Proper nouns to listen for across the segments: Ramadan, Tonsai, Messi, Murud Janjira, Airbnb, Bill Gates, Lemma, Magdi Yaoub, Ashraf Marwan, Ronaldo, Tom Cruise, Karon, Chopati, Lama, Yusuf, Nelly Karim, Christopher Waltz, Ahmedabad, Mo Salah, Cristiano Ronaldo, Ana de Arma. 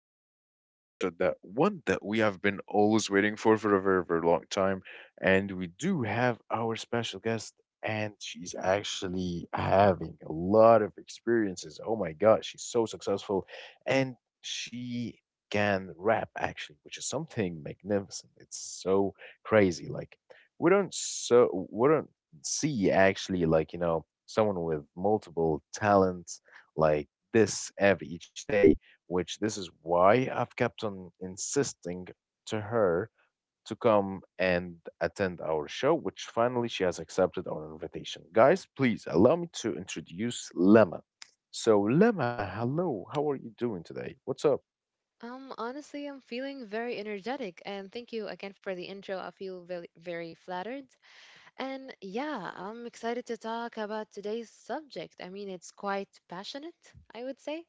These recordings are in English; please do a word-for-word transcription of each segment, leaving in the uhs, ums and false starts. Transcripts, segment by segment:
today's new episode. That one that we have been always waiting for for a very, very long time, and we do have our special guest, and she's actually having a lot of experiences. Oh my God, she's so successful, and she can rap actually, which is something magnificent. It's so crazy. Like we don't so we don't see actually like you know someone with multiple talents like this every each day, which this is why I've kept on insisting to her to come and attend our show, which finally she has accepted our invitation. Guys, please allow me to introduce Lemma. So, Lemma, hello, how are you doing today? What's up? Um, honestly, I'm feeling very energetic, and thank you again for the intro. I feel very, very flattered. And yeah, I'm excited to talk about today's subject. I mean, it's quite passionate, I would say.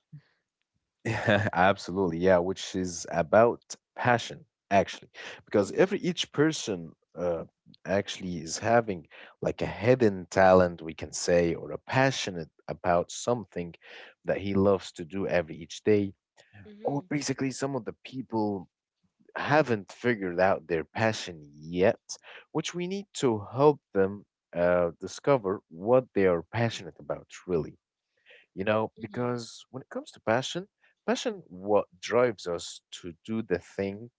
Absolutely, yeah, which is about passion, actually, because Mm-hmm, every each person uh, actually is having like a hidden talent, we can say, or a passionate about something that he loves to do every each day. Or mm-hmm, basically, some of the people haven't figured out their passion yet, which we need to help them uh, discover what they are passionate about, really. You know, mm-hmm, because when it comes to passion, passion what drives us to do the thing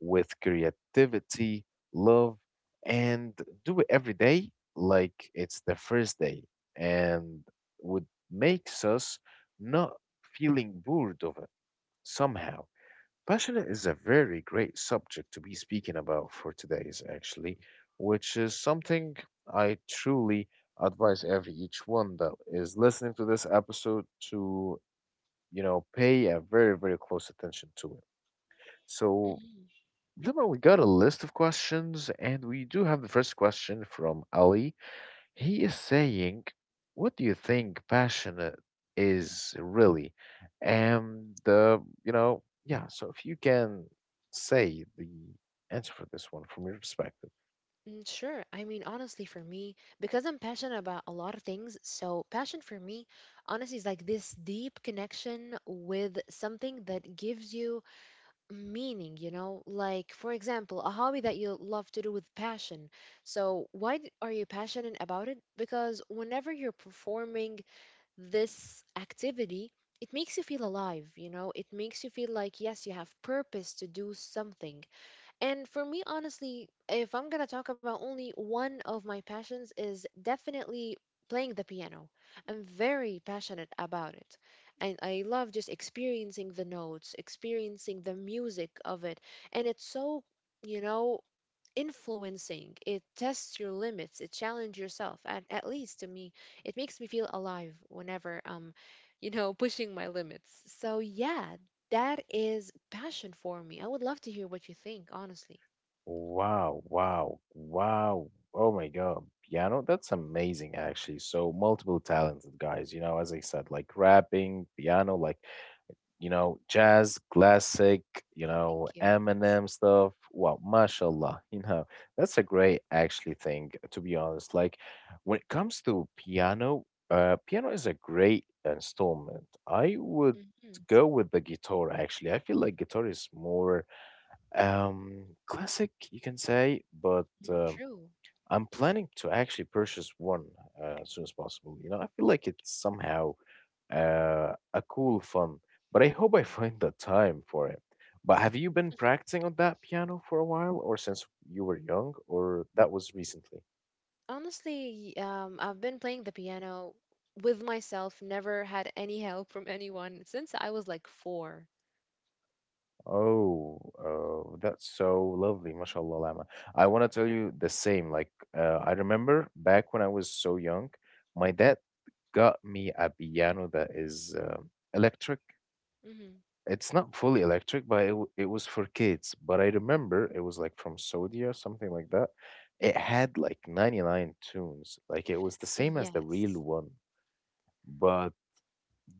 with creativity, love, and do it every day like it's the first day, and what makes us not feeling bored of it somehow. Passionate is a very great subject to be speaking about for today's, actually, which is something I truly advise every each one that is listening to this episode to, you know, pay a very, very close attention to it. So, mm-hmm. Lima, we got a list of questions, and we do have the first question from Ali. He is saying, "What do you think passionate is really?" And uh, you know, yeah. So if you can say the answer for this one from your perspective, Mm, sure. I mean, honestly, for me, because I'm passionate about a lot of things, so passion for me, honestly, is like this deep connection with something that gives you meaning, you know? Like, for example, a hobby that you love to do with passion. So, why d- are you passionate about it? Because whenever you're performing this activity, it makes you feel alive, you know? It makes you feel like, yes, you have purpose to do something. And for me, honestly, if I'm gonna talk about only one of my passions, is definitely playing the piano. I'm very passionate about it. And I love just experiencing the notes, experiencing the music of it. And it's so, you know, influencing. It tests your limits, it challenges yourself. And at least to me, it makes me feel alive whenever um, you know, pushing my limits. So yeah, that is passion for me. I would love to hear what you think, honestly. wow, wow, wow. Oh my God, piano, that's amazing actually. So multiple talented guys, you know, as I said, like rapping, piano, like you know, jazz, classic, you Oh, thank know, you. Eminem stuff. Wow, mashallah, you know, that's a great actually thing, to be honest. Like when it comes to piano, uh, piano is a great installment. I would Mm-hmm. go with the guitar actually. I feel like guitar is more um classic, you can say, but um True. I'm planning to actually purchase one uh, as soon as possible. You know, I feel like it's somehow uh, a cool fun, but I hope I find the time for it. But have you been practicing on that piano for a while, or since you were young, or that was recently? Honestly, um, I've been playing the piano with myself, never had any help from anyone since I was like four. Oh, uh, that's so lovely, mashallah, Lama. I want to tell you the same. Like, uh, I remember back when I was so young, my dad got me a piano that is uh, electric. Mm-hmm. It's not fully electric, but it w it was for kids. But I remember it was like from Saudi or something like that. It had like ninety-nine tunes. Like it was the same as the real Yes. one, but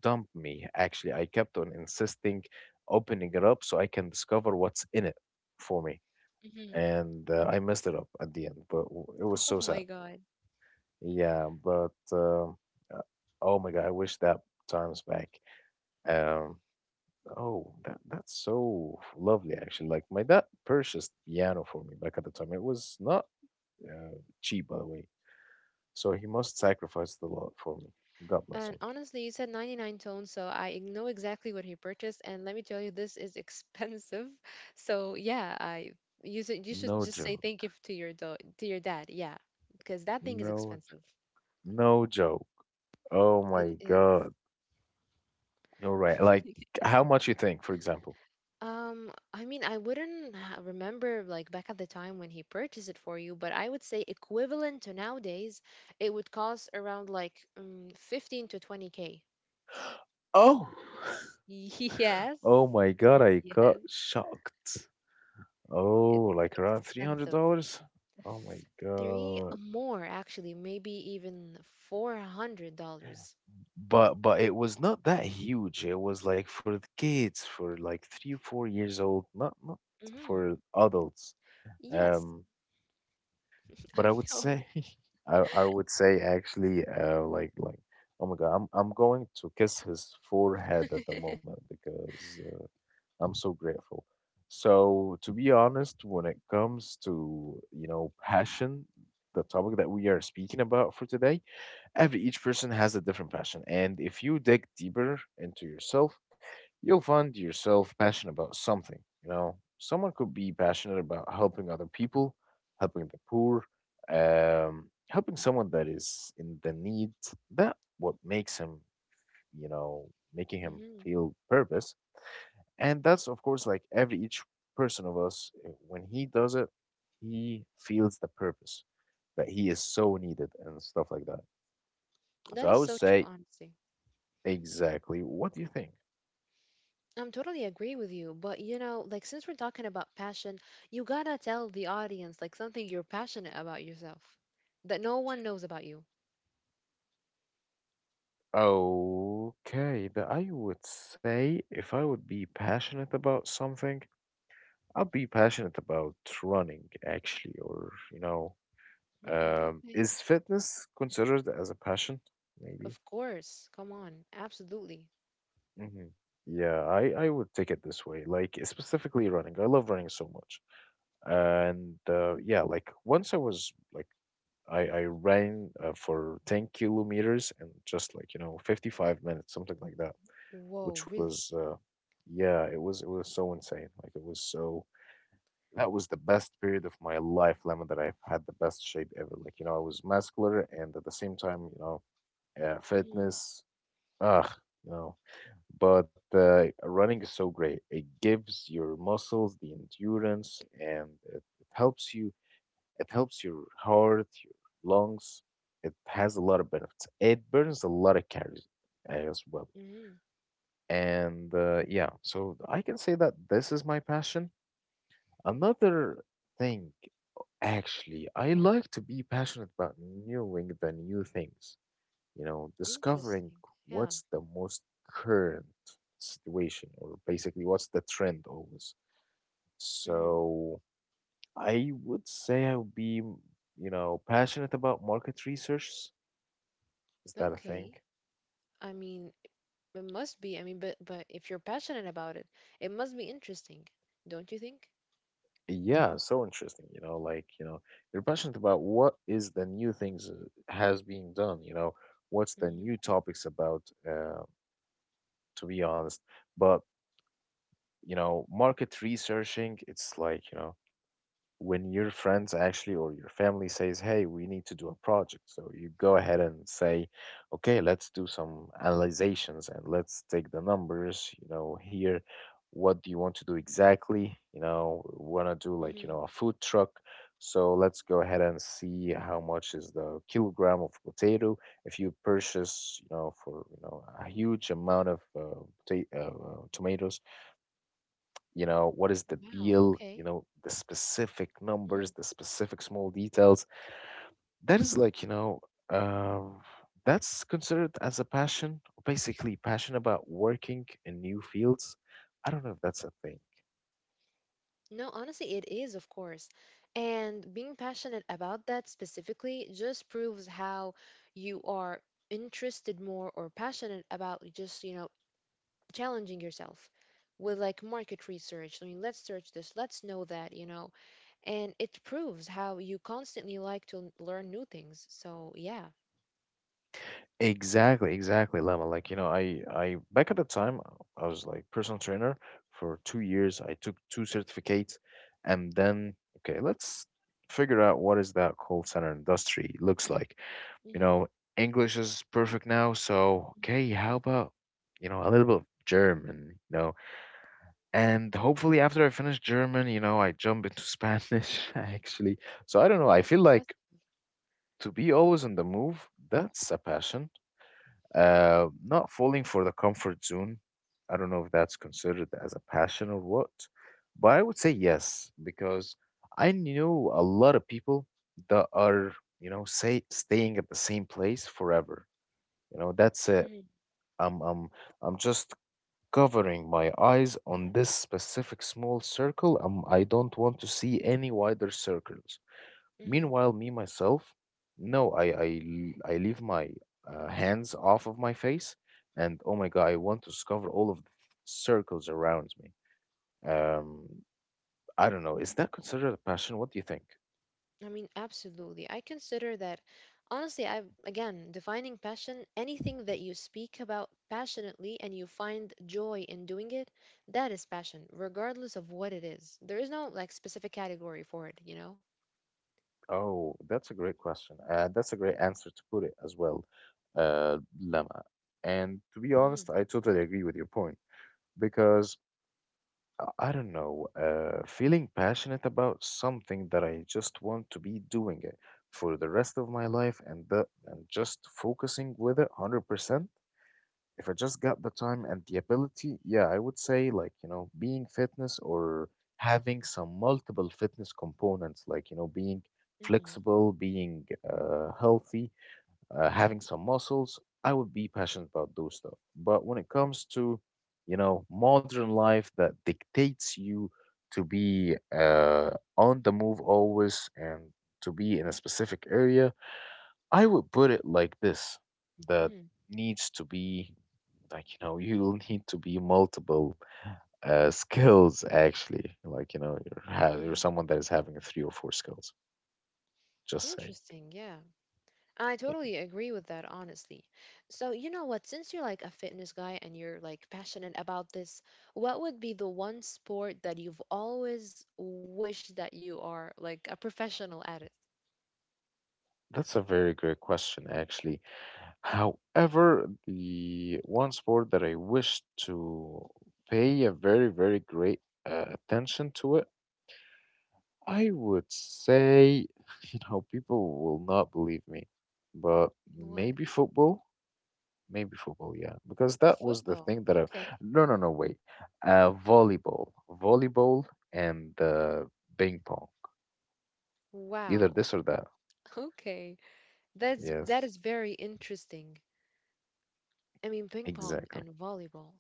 dump me. Actually, I kept on insisting opening it up so I can discover what's in it for me. Mm-hmm. And uh, I messed it up at the end, but w- it Oh was so my sad. God. Yeah, but um, uh, oh my God, I wish that time's back. Um, Oh, that that's so lovely actually. Like my dad purchased piano for me back at the time. It was not uh, cheap, by the way. So he must sacrifice a lot for me. God bless And him. honestly, you said ninety-nine tones, so I know exactly what he purchased. And let me tell you, this is expensive. So yeah, I you should you should No just say thank joke. you to your do- to your dad. Yeah, because that thing is No, j- expensive. no joke. Oh It my is. God. You're right. Like how much you think, for example? Um, I mean, I wouldn't ha- remember like back at the time when he purchased it for you, but I would say equivalent to nowadays, it would cost around like um, fifteen to twenty k. Oh, Yes, yes, oh my God, I got shocked. it's Oh, like around expensive. three hundred dollars? Oh my Three God. more, actually, maybe even four hundred dollars. But but it was not that huge. It was like for the kids, for like three, four years old, not not Hmm. for adults. Yes, Um, I but I would know. say, I I would say actually, uh, like like, oh my God, I'm I'm going to kiss his forehead at the moment because uh, I'm so grateful. So to be honest, when it comes to you know passion, the topic that we are speaking about for today. Every each person has a different passion, and if you dig deeper into yourself, you'll find yourself passionate about something. You know, someone could be passionate about helping other people, helping the poor, um, helping someone that is in the need. That what makes him, you know, making him Hmm. feel purpose. And that's of course like every each person of us uh, when he does it, he feels the purpose that he is so needed and stuff like that. So That I is would so true, say honestly. Exactly. What do you think? I'm totally agree with you, but you know, like since we're talking about passion, you gotta tell the audience like something you're passionate about yourself that no one knows about you. Okay, that I would say if I would be passionate about something, I'll be passionate about running actually, or you know, Hmm, um, okay. is fitness considered as a passion? Maybe. Of course. Come on. Absolutely. Hmm. Yeah, I I would take it this way, like specifically running. I love running so much, and uh, yeah, like once I was like I I ran uh, for ten kilometers and just like you know fifty-five minutes, something like that, Whoa, which was really? uh yeah, it was it was so insane. Like it was so that was the best period of my life, Lemon, that I've had the best shape ever. Like, you know, I was muscular and at the same time, you know, uh, Mm-hmm. fitness, ugh, you know. But uh, running is so great. It gives your muscles the endurance and it, it helps you, it helps your heart, your lungs. It has a lot of benefits. It burns a lot of calories as well. Mm-hmm. And uh, yeah, so I can say that this is my passion. Another thing, actually, I like to be passionate about knowing the new things, you know, discovering Interesting. Yeah. what's the most current situation or basically what's the trend always. Mm-hmm. So I would say I would be, you know, passionate about market research. Is that a Okay. thing? I mean, it must be. I mean, but but if you're passionate about it, it must be interesting, don't you think? Yeah, so interesting, you know, like, you know, you're passionate about what is the new things uh, has been done, you know, what's the Mm-hmm. new topics about, uh, to be honest. But, you know, market researching, it's like, you know, when your friends actually or your family says, "Hey, we need to do a project," so you go ahead and say, "Okay, let's do some analyzations and let's take the numbers. You know, here, what do you want to do exactly? You know, want to do like Mm-hmm. you know a food truck." So let's go ahead and see how much is the kilogram of potato. If you purchase, you know, for you know a huge amount of uh, pota- uh, uh, tomatoes, you know what is the Wow. deal, Okay. you know, the specific Mm. numbers, the specific small details that is like you know um, that's considered as a passion, basically passion about working in new fields. I don't know if that's a thing. No, honestly, it is, of course. And being passionate about that specifically just proves how you are interested more or passionate about just, you know, challenging yourself with like market research. I mean, let's search this, let's know that, you know, and it proves how you constantly like to learn new things. So, yeah. Exactly, exactly, Lemma, like you know i i back at the time I was like personal trainer for two years, I took two certificates, and then okay, let's figure out what is that call center industry looks like. You Mm-hmm. know, English is perfect now, so okay, how about, you know, a little bit of German, you know? And hopefully after I finish German, you know, I jump into Spanish actually. So I don't know, I feel like to be always on the move, that's a passion. Uh, not falling for the comfort zone. I don't know if that's considered as a passion or what, but I would say yes, because I know a lot of people that are, you know, say staying at the same place forever. You know, that's it. Mm-hmm. I'm I'm I'm just covering my eyes on this specific small circle. Um, I don't want to see any wider circles. Mm-hmm. Meanwhile, me myself, no, I I l- I leave my uh, hands off of my face, and oh my God, I want to discover all of the circles around me. Um, I don't know. Is that considered a passion? What do you think? I mean, absolutely. I consider that, honestly, I again, defining passion, anything that you speak about passionately and you find joy in doing it, that is passion, regardless of what it is. There is no like specific category for it, you know? Oh, that's a great question. Uh, that's a great answer to put it as well, uh, Lama. And to be Mm-hmm. honest, I totally agree with your point because uh, I don't know, uh, feeling passionate about something that I just want to be doing it for the rest of my life and the, and just focusing with it one hundred percent. If I just got the time and the ability, yeah, I would say like, you know, being fitness or having some multiple fitness components, like, you know, being Mm-hmm. flexible, being uh, healthy, uh, having some muscles, I would be passionate about those stuff. But when it comes to, you know, modern life that dictates you to be uh, on the move always and to be in a specific area, I would put it like this that Mm-hmm. needs to be, like, you know, you'll need to be multiple uh, skills actually, like, you know, you're, ha- Mm-hmm. you're someone that is having three or four skills, just saying. Interesting. Yeah. I Y- totally agree with that, honestly. So, you know what? Since you're like a fitness guy and you're like passionate about this, what would be the one sport that you've always wished that you are like a professional at it? That's a very great question, actually. However, the one sport that I wish to pay a very, very great uh, attention to, it, I would say, you know, people will not believe me, but What? maybe football, maybe football, yeah, because that was the Football. thing that I, Okay. no, no, no, wait, uh, volleyball, volleyball and uh, ping pong, either Wow. this or that. Okay. That's that is Yes, very interesting. I mean, ping pong and exactly. volleyball.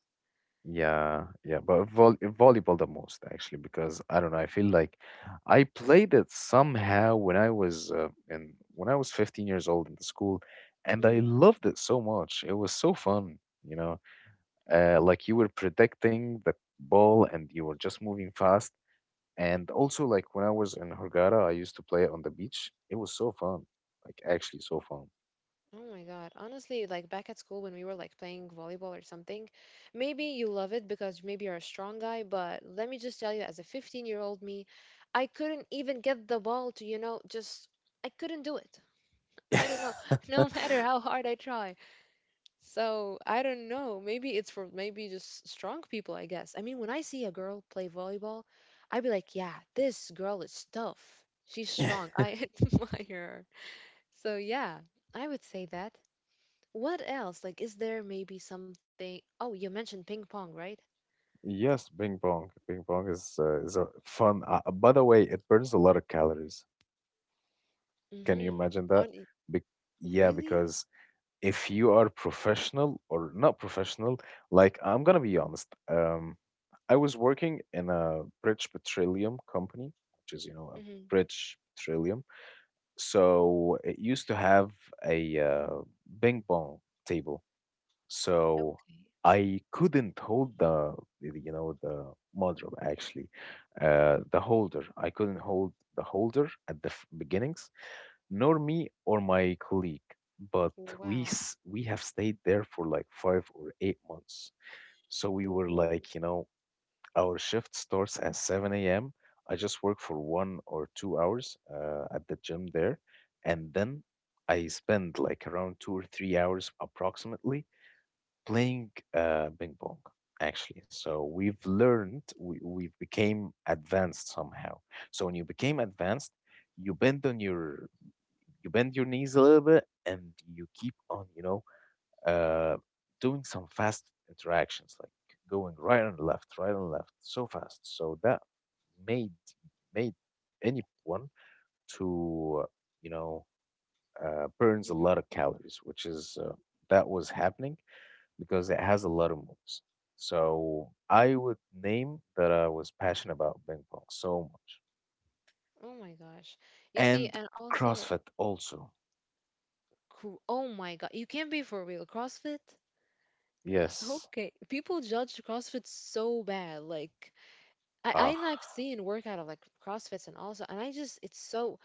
Yeah, yeah, but vol volleyball the most actually, because I don't know, I feel like I played it somehow when I was uh, in when I was fifteen years old in the school, and I loved it so much. It was so fun, you know. Uh, like you were protecting the ball and you were just moving fast. And also, like, when I was in Hurghada, I used to play it on the beach. It was so fun, like actually so fun. Oh my God. Honestly, like back at school when we were like playing volleyball or something, maybe you love it because maybe you're a strong guy, but let me just tell you, as a fifteen-year-old me, I couldn't even get the ball to, you know, just I couldn't do it. I don't know, no matter how hard I try. So I don't know. Maybe it's for maybe just strong people, I guess. I mean, when I see a girl play volleyball, I'd be like, yeah, this girl is tough. She's strong. I admire her. So yeah, I would say that. What else? Like, is there maybe something? Oh, you mentioned ping pong, right? Yes, ping pong. Ping pong is uh, is a fun. Uh, by the way, it burns a lot of calories. Can Mm-hmm. you On imagine it- that? Be- yeah, really? because if you are professional or not professional, like, I'm gonna be honest, um, I was working in a British Petroleum company, which is, you know, a Mm-hmm. British Petroleum. So it used to have a uh, ping pong table. So Okay. I couldn't hold the, you know, the modem actually, uh, the holder. I couldn't hold the holder at the f- beginnings, nor me or my colleague, but we Wow. s- we have stayed there for like five or eight months. So we were Whoa. like, you know, our shift starts at seven a m. I just work for one or two hours uh, at the gym there, and then I spend like around two or three hours approximately playing uh, ping pong. Actually, so we've learned, we, we've became advanced somehow. So when you became advanced, you bend on your you bend your knees a little bit and you keep on, you know, uh, doing some fast interactions like going right and left, right and left so fast, so that made made anyone to uh, you know, uh, burns a Mm-hmm. lot of calories, which is uh, that was happening because it has a lot of moves. So I would name that I was passionate about ping pong so much. Oh my gosh. You see, And and also, CrossFit also. cr- oh my God, you can't be for real. CrossFit? Yes. Okay. People judge CrossFit so bad. Like, I I and I've Ah. seen workout of like CrossFits and also, and I just it's so.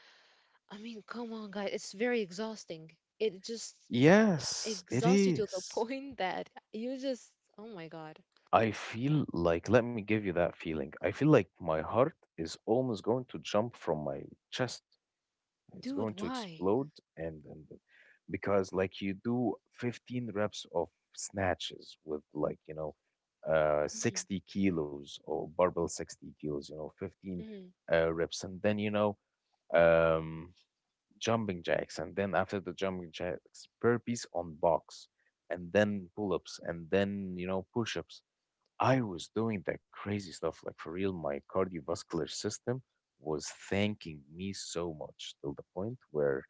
I mean, come on, guys, it's very exhausting. It just Yes, it exhaust you to the is. point that you just, oh my God, I feel like, let me give you that feeling. I feel like my heart is almost going to jump from my chest. It's dude, going to why? explode, and, and uh, because like you do fifteen reps of snatches with, like, you know, uh Mhm, sixty kilos or barbell sixty kilos, you know, fifteen mhm. uh, reps, and then, you know, um jumping jacks, and then after the jumping jacks, burpees on box, and then pull-ups, and then, you know, push-ups. I was doing that crazy stuff. Like, for real, my cardiovascular system was thanking me so much till the point where,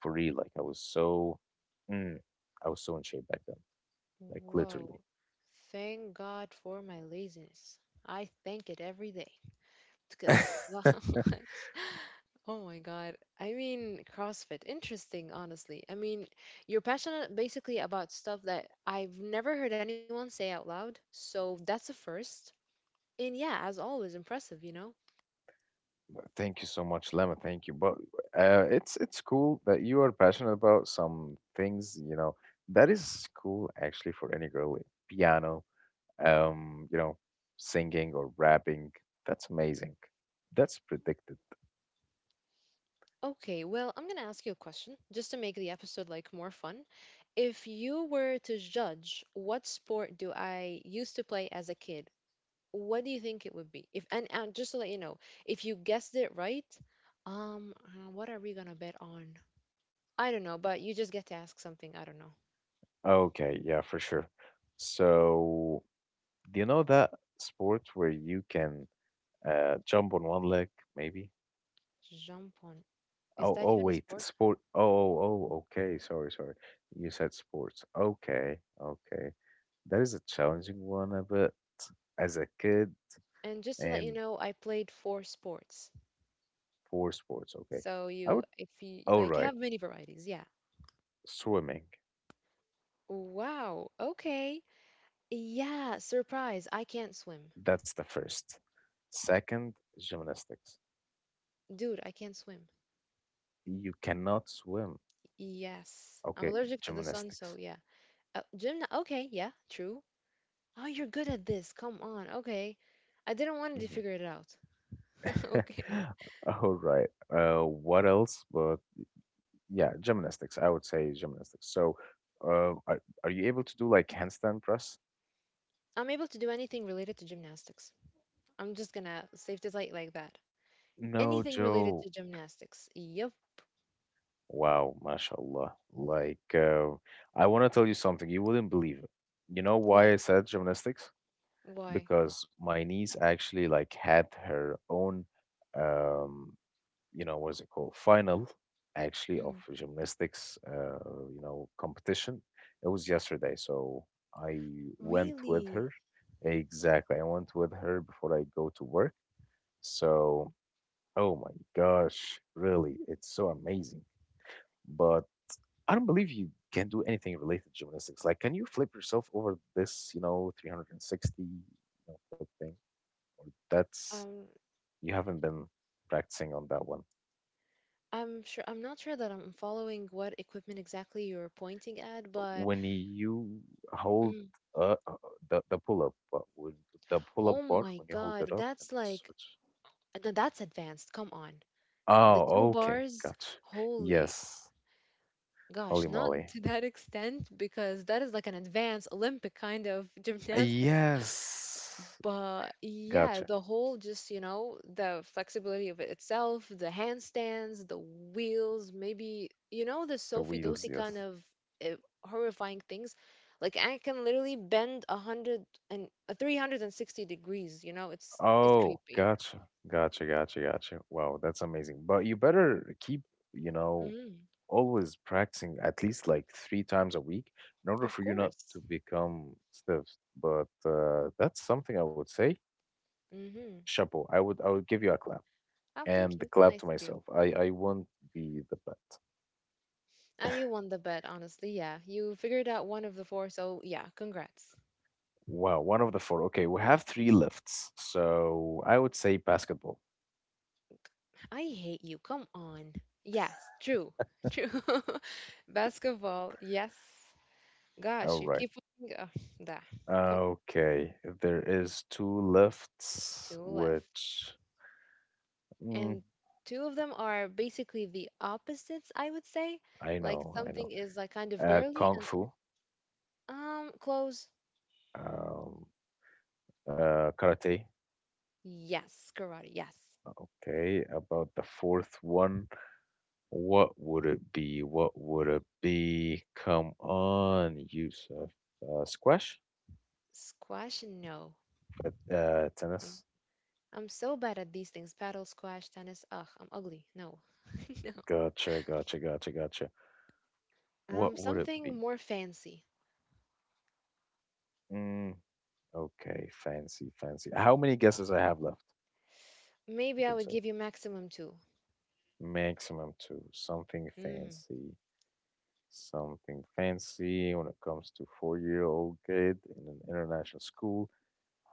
for real, like I was so, mm, I was so in shape back then, like literally. Whoa. Thank God for my laziness. I thank it every day because, wow, it's- oh my God. I mean, CrossFit, interesting, honestly. I mean, you're passionate basically about stuff that I've never heard anyone say out loud. So that's a first. And yeah, as always, impressive, you know? Thank you so much, Lemma. Thank you. But uh, it's it's cool that you are passionate about some things. You know, that is cool actually for any girl. Like piano, um, you know, singing or rapping. That's amazing. That's predicted. Okay, well, I'm gonna ask you a question just to make the episode like more fun. If you were to judge what sport do I used to play as a kid, what do you think it would be? If and, and just to let you know, if you guessed it right, um, uh, what are we gonna bet on? I don't know, but you just get to ask something. I don't know. Okay, yeah, for sure. So do you know that sport where you can uh, jump on one leg, maybe? Jump on. Is Oh, that oh, even a wait, sport? sport. Oh, oh, oh, okay. Sorry, sorry. You said sports. Okay, okay. That is a challenging one, uh, but as a kid, And just to let you and know, I played four sports. for sports, okay. So I you, would, if you all like, you right, have many varieties. Yeah. swimming. Wow. Okay. Yeah, surprise. I can't swim. That's the first. Second, gymnastics. Dude, I can't swim. You cannot swim. Yes. I'm Okay, allergic to the sun, so gymnastics. yeah. Uh, gymna okay, yeah, true. Oh, you're good at this. Come on. Okay. I didn't want to Mhm. figure it out. Okay. All right. Uh, what else? But yeah, gymnastics. I would say gymnastics. So, uh, are, are you able to do like handstand press? I'm able to do anything related to gymnastics. I'm just gonna save the light like that. No, Anything related to Joe. gymnastics. Yep. Wow, mashallah. Like, uh, I want to tell you something. You wouldn't believe it. You know What? why I said gymnastics? Why? Because my niece actually like had her own, um, you know, what's it called? Final, actually, of Mhm. gymnastics, uh, you know, competition. It was yesterday, so I went with Really? her. Exactly, I went with her before I go to work. So, oh my gosh, really, it's so amazing. But I don't believe you can do anything related to gymnastics. Like, can you flip yourself over this, you know, three hundred sixty, you know, flip thing? Or that's, Um, you haven't been practicing on that one. I'm sure I'm not sure that I'm following what equipment exactly you're pointing at, but When you hold mm, uh, uh, the, the pull up, uh, when, the pull up oh bar, my when you hold it God, up and that's like switch. no, that's advanced. Come on. The two Oh, okay. bars, Gotcha. holy Yes. Holy gosh, not moly. to that extent because that is like an advanced Olympic kind of gymnastics. Yes. But yeah, Gotcha. the whole just, you know, the flexibility of it itself, the handstands, the wheels, maybe, you know, the The Sophie wheels, Dosi yes. kind of uh, horrifying things. Like I can literally bend a hundred and uh, three hundred sixty degrees, you know, it's it's Oh, creepy. gotcha. Gotcha, gotcha, gotcha. Wow, that's amazing. But you better keep, you know, Mm. always practicing at least like three times a week in order Of for you not course. to become stiff. But uh, that's something I would say. Mm-hmm. Chapeau. I would I would give you a clap Oh, and thank the you. clap Nice to of you. myself. I I want the the bet. Uh, you won the bet, honestly. Yeah, you figured out one of the four, so yeah, congrats. Wow, one of the four. Okay, we have three lifts. So I would say basketball. I hate you. Come on. Yes, true. True. Basketball, yes. All Gosh, you right. keep looking. Uh, da. Come on, Okay, there is two lifts, two left. which, Mm, And two of them are basically the opposites, I would say. I Like know, I something know. is like kind of Uh, girly Kung and some Fu, um clothes. um, uh, Karate. Yes, karate. Yes. Okay, about the fourth one, what would it be? What would it be? Come on, Yusuf. Uh, squash? Squash, no. But, uh, tennis? I'm so bad at these things. Paddle, squash, tennis. Ugh, I'm ugly. No. No. Gotcha, gotcha, gotcha, gotcha. Um, What would it something be? more fancy. Mm, okay, fancy, fancy. How many guesses I have left? You Maybe I can would say give you maximum two. maximum two, something Mm. fancy. Something fancy when it comes to four-year-old kid in an international school.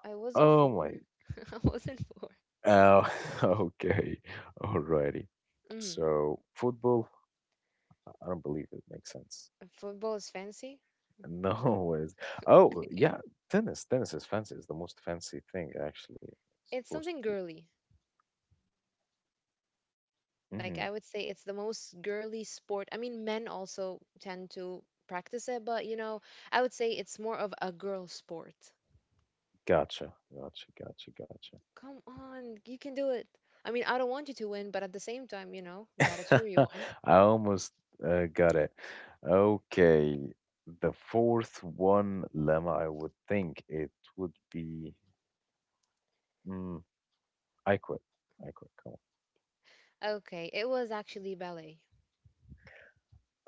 I wasn't Oh four. my. I wasn't four. Oh, okay. Alrighty. Mm. So football, I don't believe it makes sense. Football is fancy. No ways. Oh I- yeah, tennis. Tennis is fancy. It's the most fancy thing actually. It's It's supposed something to girly. be. Like Hmm. I would say it's the most girly sport. I mean, men also tend to practice it, but you know, I would say it's more of a girl sport. Gotcha. Gotcha. Gotcha. Gotcha. Come on, you can do it. I mean, I don't want you to win, but at the same time, you know, gotta cheer you on. I almost uh, got it. Okay, the fourth one, Lemma, I would think it would be, mm, I quit. I quit. Come on. Okay, it was actually ballet.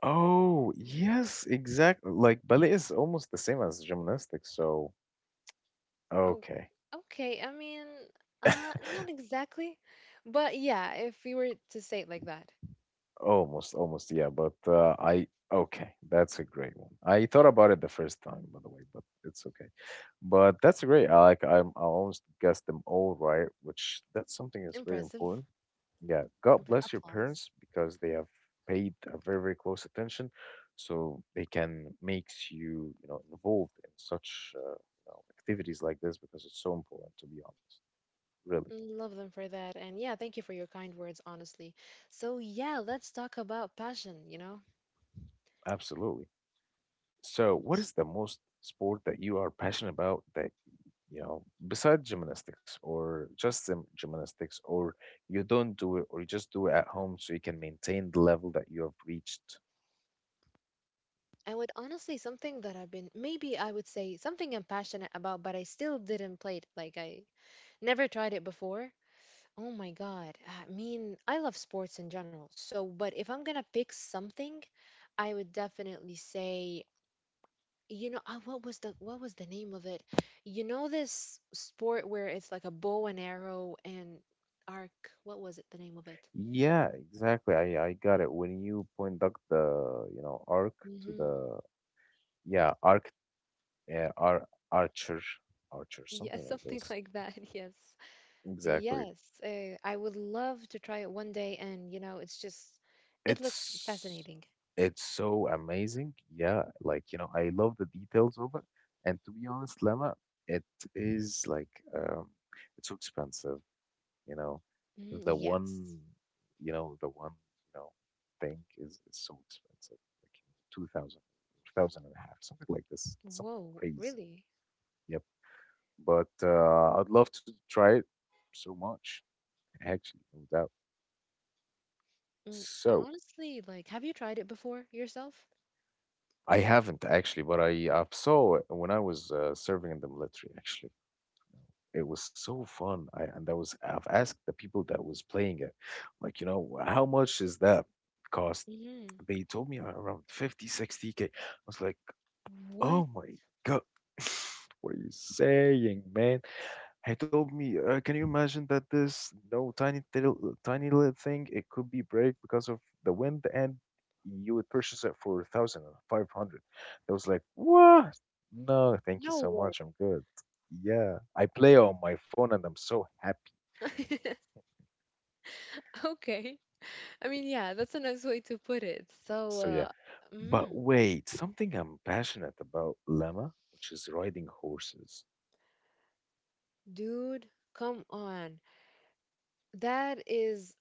Oh, yes, exactly. Like ballet is almost the same as gymnastics, so Oh, okay. okay. I mean, uh, not exactly, but yeah, if we were to say it like that, Almost, almost, yeah, but uh, I okay, that's a great one. I thought about it the first time, by the way, but it's okay. But that's great. I like, I'm I almost guessed them all right, which that's something that's very impressive. important. Yeah, God Impre- bless your applause. parents because they have paid a very, very close attention, so they can makes you, you know, involved in such, uh, you know, activities like this, because it's so important, to be honest. Really, Mm, love them for that, and yeah, thank you for your kind words, honestly. So yeah, let's talk about passion. You know, absolutely. So, what is the most sport that you are passionate about that, you know, besides gymnastics, or just gym- gymnastics, or you don't do it, or you just do it at home so you can maintain the level that you have reached? I would honestly something that I've been maybe I would say something I'm passionate about, but I still didn't play it. Like I never tried it before. Oh my God. I mean, I love sports in general. So, but if I'm gonna pick something, I would definitely say, you know, uh, what was the what was the name of it? You know this sport where it's like a bow and arrow and arc. What was it? The name of it? Yeah, exactly. I I got it. When you point out the, you know, arc to Hmm. the, yeah, arc, uh, ar archer archer, Yeah, something like something this. like that. Yes. Exactly. Yes, uh, I would love to try it one day, and you know, it's just, it looks It's fascinating. it's so amazing. Yeah, like, you know, I love the details of it. And to be honest, Lemma, it is like, um it's so expensive. You know, Mm, the yes. one, you know, the one, you know, thing is, is so expensive, like, you know, 2000 thousand and a half, something like this, something Whoa, crazy, really? yep. But uh, I'd love to try it so much, actually, no doubt. Mm, So honestly, like, have you tried it before yourself? I haven't actually, but i I saw it when I was uh, serving in the military, actually. It was so fun. I, and that was I've asked the people that was playing it, like, you know, how much is that cost. Hmm. They told me around fifty, sixty K. I was like, What? oh my God. What are you saying, man? He told me, uh, can you imagine that this no tiny little tiny little thing, it could be break because of the wind and you would purchase it for one thousand five hundred. I was like, what? No, thank you No so way. much. I'm good. Yeah, I play on my phone and I'm so happy. Okay. I mean, yeah, that's a nice way to put it. So, So yeah, uh, but mm, wait, something I'm passionate about, llama, which is riding horses. dude, come on. That is,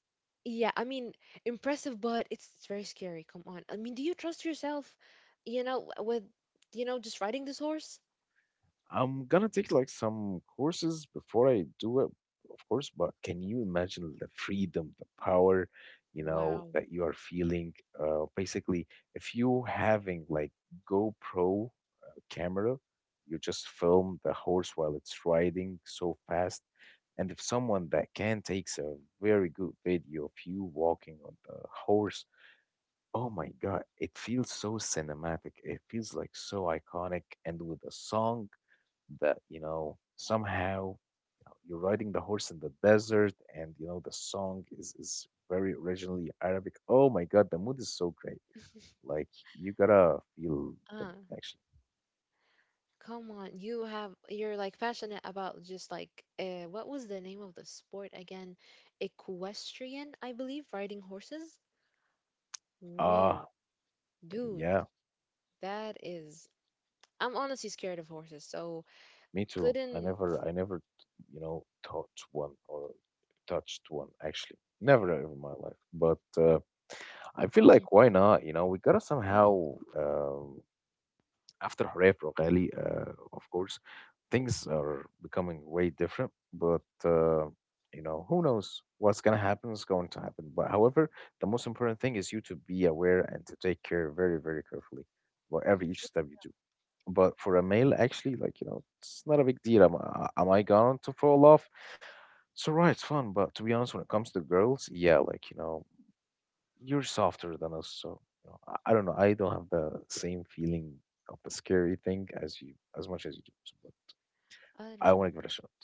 yeah, I mean, impressive, but it's, it's very scary. Come on. I mean, do you trust yourself, you know, w- with, you know, just riding this horse? I'm gonna take like some courses before I do it, of course, but can you imagine the freedom, the power, you know, Wow. that you are feeling? Uh, basically, if you having like GoPro uh, camera, you just film the horse while it's riding so fast. And if someone that can takes a very good video of you walking on the horse, oh my God, it feels so cinematic. It feels like so iconic. And with a song that you know somehow, you know, you're riding the horse in the desert, and you know the song is is very originally Arabic. Oh my God, the mood is so great. Like, you gotta feel the Uh, mood actually. come on. You have, you're like passionate about just like, uh, what was the name of the sport again? Equestrian, I believe, riding horses? Whoa, Ah, dude, yeah, that is. I'm honestly scared of horses, so me too. i couldn't. never i never you know taught one or touched one, actually. Never ever in my life. But uh, I feel Mhm, like, why not? You know, we gotta mhm, somehow um after Hurriyet Rogali, uh, of course, things are becoming way different. But uh, you know, who knows what's gonna happen is going to happen. But however, the most important thing is you to be aware and to take care very, very carefully about every it's each true. step you do. But for a male, actually, like, you know, it's not a big deal. Am, I- am I going to fall off? It's alright, it's fun. But to be honest, when it comes to girls, yeah, like, you know, you're softer than us, so you know, I, I don't know, I don't have the same feeling of the scary thing as you, as much as you do. So but I I don't want know. to give it a shot.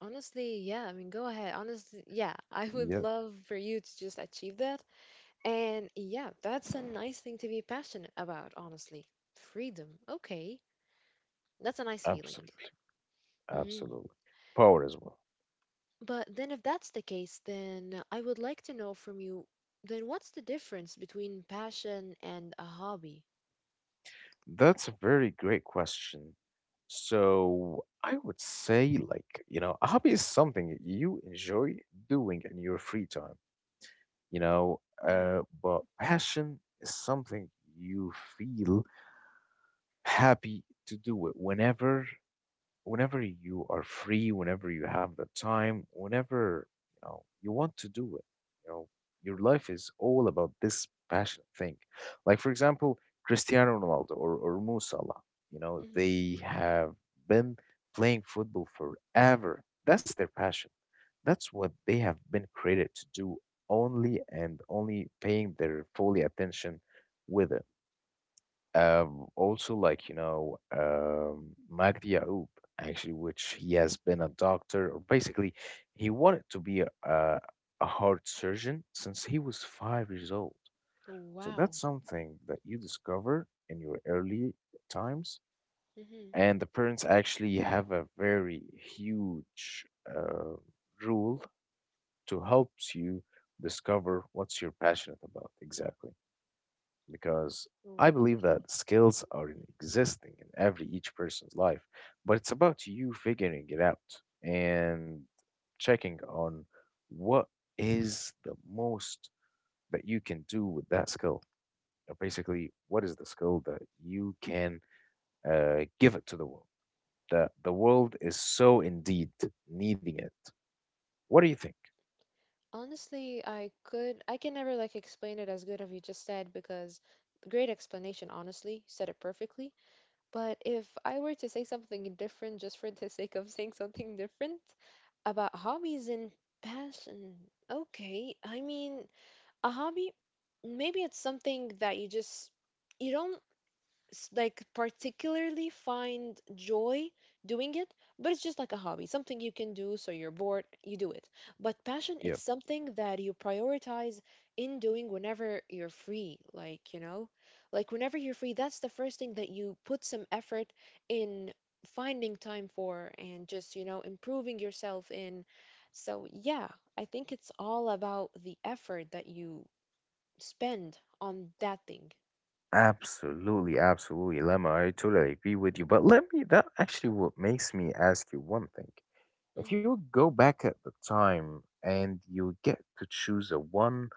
Honestly, yeah, I mean, go ahead. Honestly, yeah, I would Yeah, love for you to just achieve that. And yeah, that's a nice thing to be passionate about, honestly. Freedom. Okay. That's a nice feeling. absolutely, Mm. absolutely. Power as well. But then, if that's the case, then I would like to know from you then what's the difference between passion and a hobby? That's a very great question. So I would say, like, you know, a hobby is something you enjoy doing in your free time, you know. Uh, but passion is something you feel happy to do it whenever, whenever you are free, whenever you have the time, whenever you know you want to do it. You know, your life is all about this passion thing. Like, for example, Cristiano Ronaldo, or, or Mo Salah, you know, Mm-hmm. they have been playing football forever. That's their passion. That's what they have been created to do, only and only paying their fully attention with it. Um, also, like, you know, um, Magdi Yaoub, actually, which he has been a doctor, or basically, he wanted to be a, a, a heart surgeon since he was five years old. So Wow. that's something that you discover in your early times. Mm-hmm. And the parents actually have a very huge uh, rule to helps you discover what's you're passionate about exactly, because I believe that skills are in existing in every each person's life, but it's about you figuring it out and checking on what is the most that you can do with that skill. Or basically, what is the skill that you can uh, give it to the world, that the world is so indeed needing it? What do you think? Honestly, I could I can never like explain it as good as you just said because great explanation, honestly, said it perfectly. But if I were to say something different just for the sake of saying something different about hobbies and passion. Okay, I mean, a hobby, maybe it's something that you just you don't s- like particularly find joy doing it, but it's just like a hobby, something you can do so you're bored, you do it. But passion, Yeah. it's something that you prioritize in doing whenever you're free, like, you know, like whenever you're free, that's the first thing that you put some effort in finding time for and just, you know, improving yourself in. So, yeah, I think it's all about the effort that you spend on that thing. Absolutely, absolutely, Lemma. I totally agree with you. But let me, that actually what makes me ask you one thing. If you Mm-hmm. would go back at the time and you get to choose a one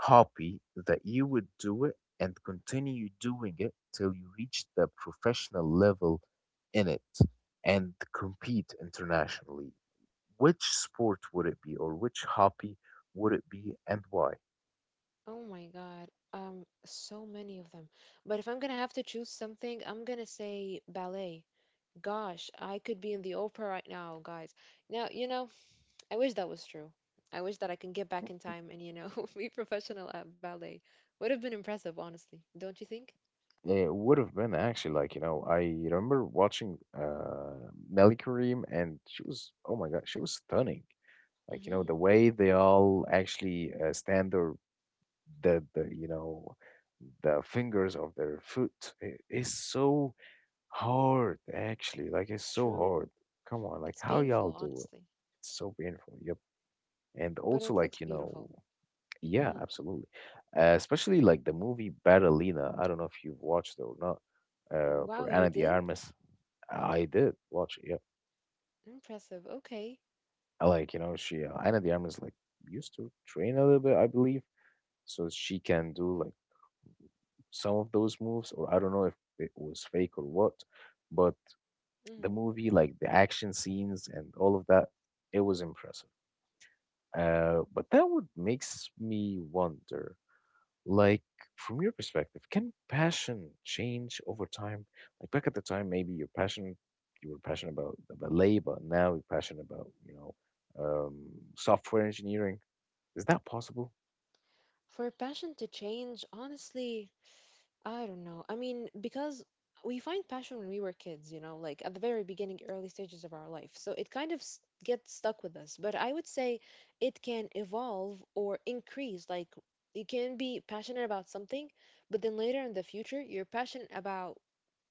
hobby that you would do it and continue doing it till you reach the professional level in it and compete internationally, which sport would it be, or which hobby would it be, and why? Oh my God. Um, so many of them. But if I'm gonna have to choose something, I'm gonna say ballet. Gosh, I could be in the opera right now, guys. Now, you know, I wish that was true. I wish that I can get back in time and, you know, be professional at ballet. Would have been impressive, honestly. Don't you think? It would have been actually, like, you know, I remember watching uh Nelly Karim, and she was, oh my God, she was stunning. Like, you know, the Mm-hmm. way they all actually uh, stand their the the you know the fingers of their foot i- is so hard actually. Like, it's so True. hard. Come on, like, It's how painful, y'all do it? honestly. It's so painful. Yep. And But also, it like, looks you know, beautiful. yeah, Mm. absolutely. Uh, especially like the movie Barcelona. I don't know if you've watched it or not. Uh, Wow, for you Ana de did? Armas, I did watch it. Yeah, Impressive. Okay. I like you know she uh, Ana de Armas like used to train a little bit, I believe, so she can do like some of those moves, or I don't know if it was fake or what. But Mm. the movie, like the action scenes and all of that, it was impressive. Uh, but that would makes me wonder. Like, from your perspective, can passion change over time? Like, back at the time, maybe your passion, you were passionate about the ballet, but now you're passionate about, you know, um, software engineering. Is that possible? For passion to change, honestly, I don't know. I mean, because we find passion when we were kids, you know, like at the very beginning, early stages of our life. So it kind of s- gets stuck with us. But I would say it can evolve or increase. Like you can be passionate about something, but then later in the future, you're passionate about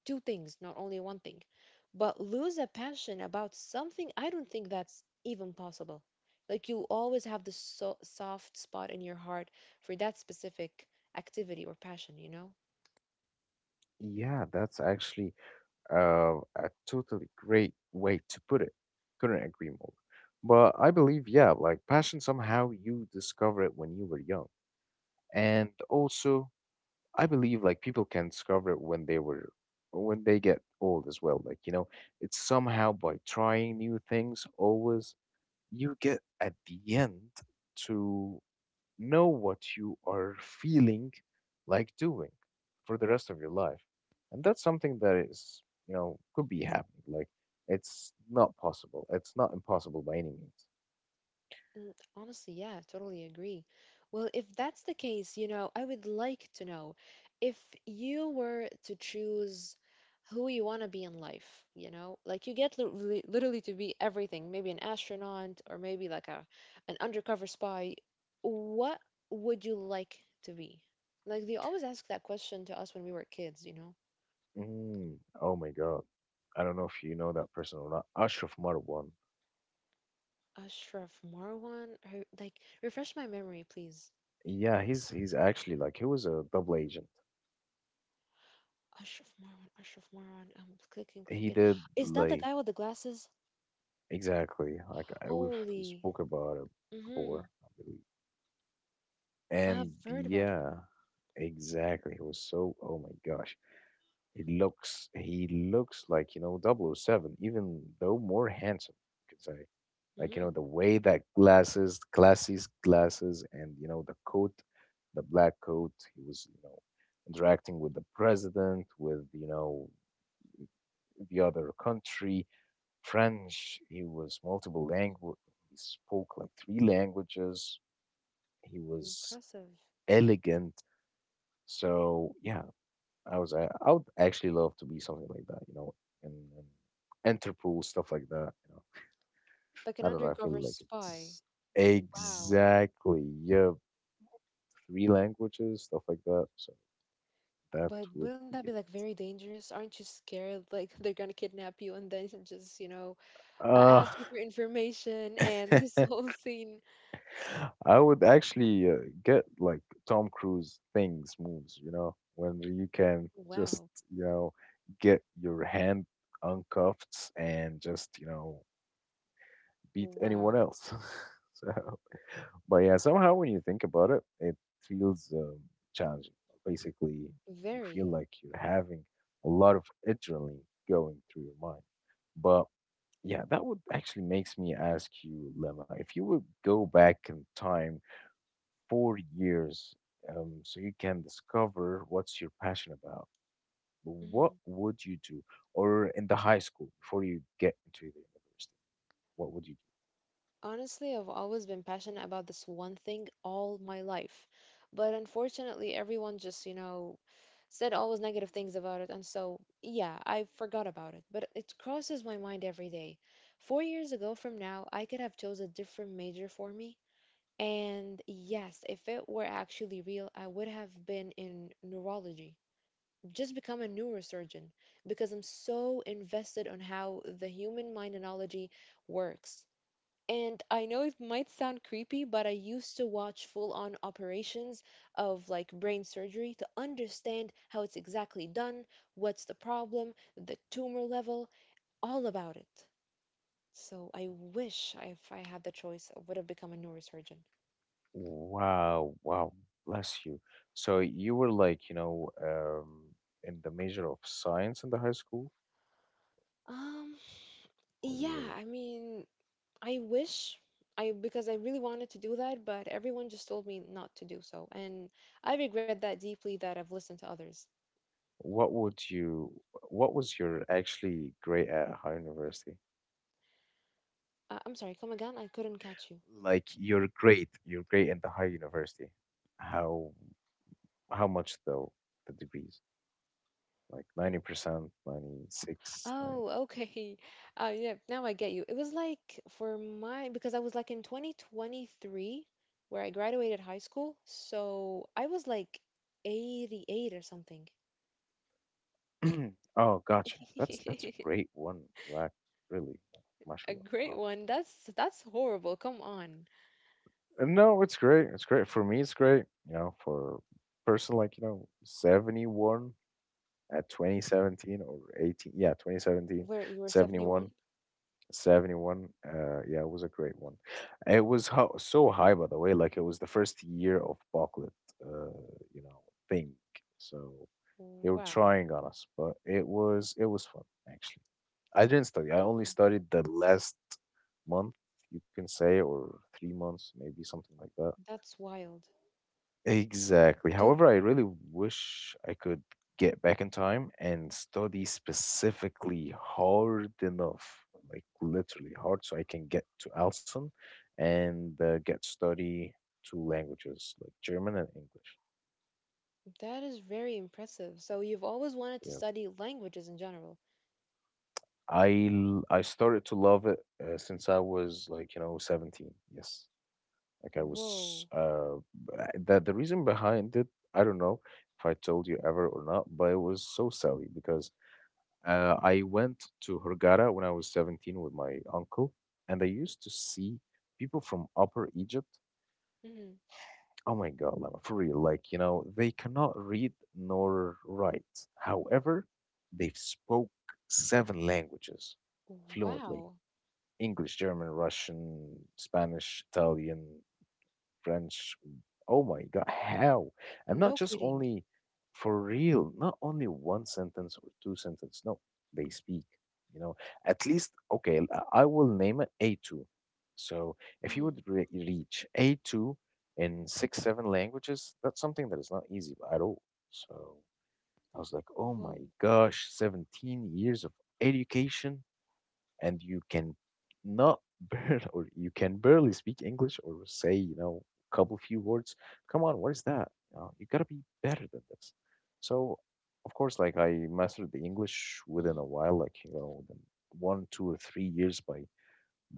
two things, not only one thing. But lose a passion about something, I don't think that's even possible. Like you always have this so- soft spot in your heart for that specific activity or passion, you know? Yeah, that's actually uh, a totally great way to put it. Couldn't agree more. But I believe, yeah, like, passion somehow you discover it when you were young. And also, I believe like people can discover it when they were when they get old as well. Like, you know, it's somehow by trying new things always you get at the end to know what you are feeling like doing for the rest of your life. And that's something that is, you know, could be happening. Like, it's not possible. It's not impossible by any means. Mm, honestly, yeah, totally agree. Well, if that's the case, you know, I would like to know if you were to choose who you want to be in life, you know, like you get literally, literally to be everything, maybe an astronaut or maybe like a an undercover spy. What would you like to be? Like they always ask that question to us when we were kids, you know. Mm, oh my God. I don't know if you know that person or not. Ashraf Marwan. Ashraf Marwan, her, like refresh my memory, please. Yeah, he's he's actually like he was a double agent. Ashraf Marwan, Ashraf Marwan. I'm clicking, He clicking. did Is that the like guy with the glasses? exactly like I, we've Holy. spoke about it Mm-hmm. before, I believe. I've And heard about him. yeah, exactly. He was so, oh my gosh. He looks he looks like, you know, Double O Seven, even though more handsome, you could say. Like, you know, Mm-hmm. the way that glasses, glasses, glasses, and you know, the coat, the black coat, he was, you know, interacting with the president, with, you know, the other country. French, he was multiple language. He spoke like three languages. He was Impressive. elegant. So yeah, I was I, I would actually love to be something like that, you know, and, and Interpol stuff like that. You know, Like an I don't know. I feel undercover like spy. it's Wow. exactly yeah, three languages, stuff like that. So that But would wouldn't be that be it. like very dangerous? Aren't you scared like they're gonna kidnap you and then just, you know, uh, Uh ask you for information and this whole scene? I would actually uh, get like Tom Cruise things moves, you know, when you can just, Wow. you know, get your hand uncuffed and just, you know, beat Wow. anyone else. So, but yeah, somehow when you think about it, it feels um, challenging. Basically, you Very. feel like you're having a lot of adrenaline going through your mind. But yeah, that would actually makes me ask you, Lemma, if you would go back in time four years um, so you can discover what's your passion about, what Mm-hmm. would you do? Or in the high school before you get into the university, what would you do? Honestly, I've always been passionate about this one thing all my life. But unfortunately, everyone just, you know, said always negative things about it. And so, yeah, I forgot about it. But it crosses my mind every day. Four years ago from now, I could have chose a different major for me. And yes, if it were actually real, I would have been in neurology. Just become a neurosurgeon because I'm so invested on how the human mind analogy works. And I know it might sound creepy, but I used to watch full on operations of like brain surgery to understand how it's exactly done, what's the problem, the tumor level, all about it. So I wish I- if I had the choice, I would have become a neurosurgeon. Wow, wow, bless you. So you were like, you know, um, in the major of science in the high school, Um, or you yeah, were, I mean, I wish I, because I really wanted to do that, but everyone just told me not to do so. And I regret that deeply that I've listened to others. what would you, what was your actually grade at high university? Uh, I'm sorry, come again? I couldn't catch you. Like, your grade, your grade in the high university. How, how much though, the degrees? Like, Mm. ninety percent, ninety-six, like Oh, okay. Uh, yeah, now I get you. It was like for my because I was like in twenty twenty-three where I graduated high school, so I was like eighty-eight or something. oh, gotcha. That's that's a great one rack, really. Like, A mashallah. great Wow. one. That's that's horrible. Come on. And no, it's great. It's great. For me, it's great. You know, for person like, you know, seventy-one at twenty seventeen or eighteen. Yeah, twenty seventeen, Where you were seventy-one. seventy-one? Seventy-one uh yeah, it was a great one. It was ho- so high, by the way. Like, it was the first year of Bucklet, uh you know, thing. So they were Wow. trying on us, but it was it was fun actually. I didn't study. I Okay. only studied the last month, you can say, or three months, maybe something like that. That's wild. W- Exactly. Dude, However, I really wish I could get back in time and study specifically hard enough, like literally hard, so I can get to Alson and uh, get to study two languages, like German and English. that is very impressive. So you've always wanted to Yeah. study languages in general. I l- I started to love it uh, since I was like, you know, seventeen. Yes, like I was. Whoa. Uh, b- the the reason behind it, I don't know if I told you ever or not, but it was so silly because uh, I went to Hurghada when I was seventeen with my uncle, and I used to see people from Upper Egypt. Hmm. Oh my God, Lama, for real, like you know they cannot read nor write. However, they spoke seven languages fluently: Wow. English, German, Russian, Spanish, Italian, French. Oh my God, how? I'm not No just kidding. only for real, not only one sentence or two sentences. No, they speak, you know, at least, okay, I I will name it A two. So if you would Mm, re reach A two in six, seven languages, that's something that is not easy at all. So I was like, oh my whoa. gosh, seventeen years of education and you can not barely, or you can barely speak English, or say, you know, a couple few words, come on, what is that? You know, you gotta be better than this. So, of course, like, I mastered the English within Mm, a while, like, you know, within one, two, or three years by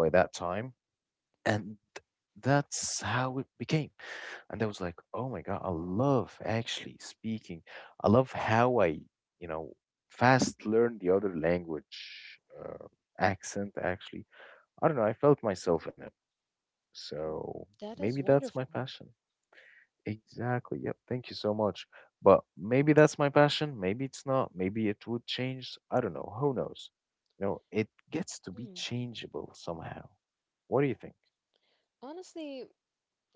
by that time. And that's how it became. And I was like, oh my God, I love actually speaking. I love how I, you know, fast learn the other language uh, accent, actually. I don't know. I felt myself in it. So that maybe is that's my wonderful. passion. Exactly. Yep. Thank you so much. But maybe that's my passion. Maybe it's not. Maybe it would change. I don't know. Who knows? You know, it gets to be Mm. changeable somehow. What do you Honestly,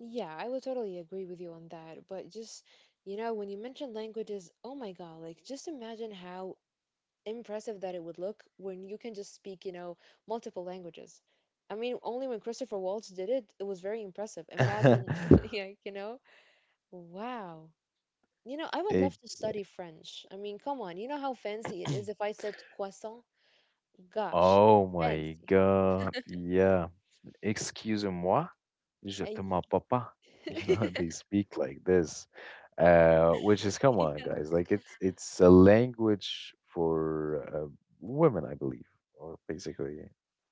yeah, I would totally agree with you on that. But just, you know, when you mention languages, oh my God, like just imagine how impressive that it would look when you can just speak, you know, multiple languages. I mean, only when Christopher Waltz did it, it was very impressive. think? Imagine, yeah, you know, wow. You know, I would love to Exa study French. I mean, come on, you know how fancy it is if I said croissant? Gosh, Oh my fancy. god, yeah. Excuse moi, je te And mens papa. You know, they speak like this. Uh, which is come yes. on, guys. Like, it's it's a language for uh, women, I believe, or basically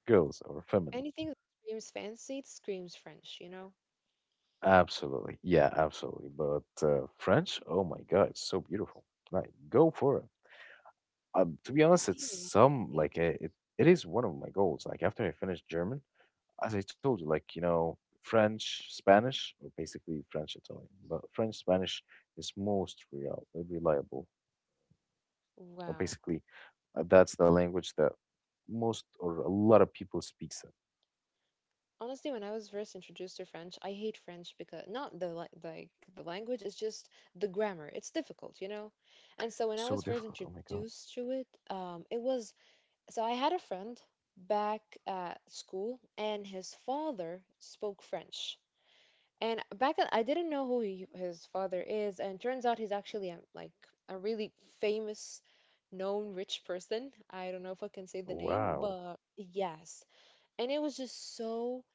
girls or feminine. Anything that screams fancy, it screams French, you know? Absolutely. Yeah, absolutely. But uh, French, oh my god, it's so beautiful. Like go for it. Um, to Mm, be honest, it's maybe one day, some yeah. like uh it, it is one of my goals. Like after I finish German, as I told you, like, you know, French, Spanish, or basically French, Italian, but French, Spanish is most real, reliable, or Wow. basically uh, that's the language that most or a lot of people speaks it. Honestly, when I was first introduced to French, I hate French because not the la- like the language, it's just the grammar. It's difficult, you know? And so when I So was first difficult. Oh my God. introduced to it, um, it was so I had a friend back at school and his father spoke French. And back then, I didn't know who he, his father is, and turns out he's actually a, like a really famous, known rich person. I don't know if I can say the name, Wow. but yes. And it was just so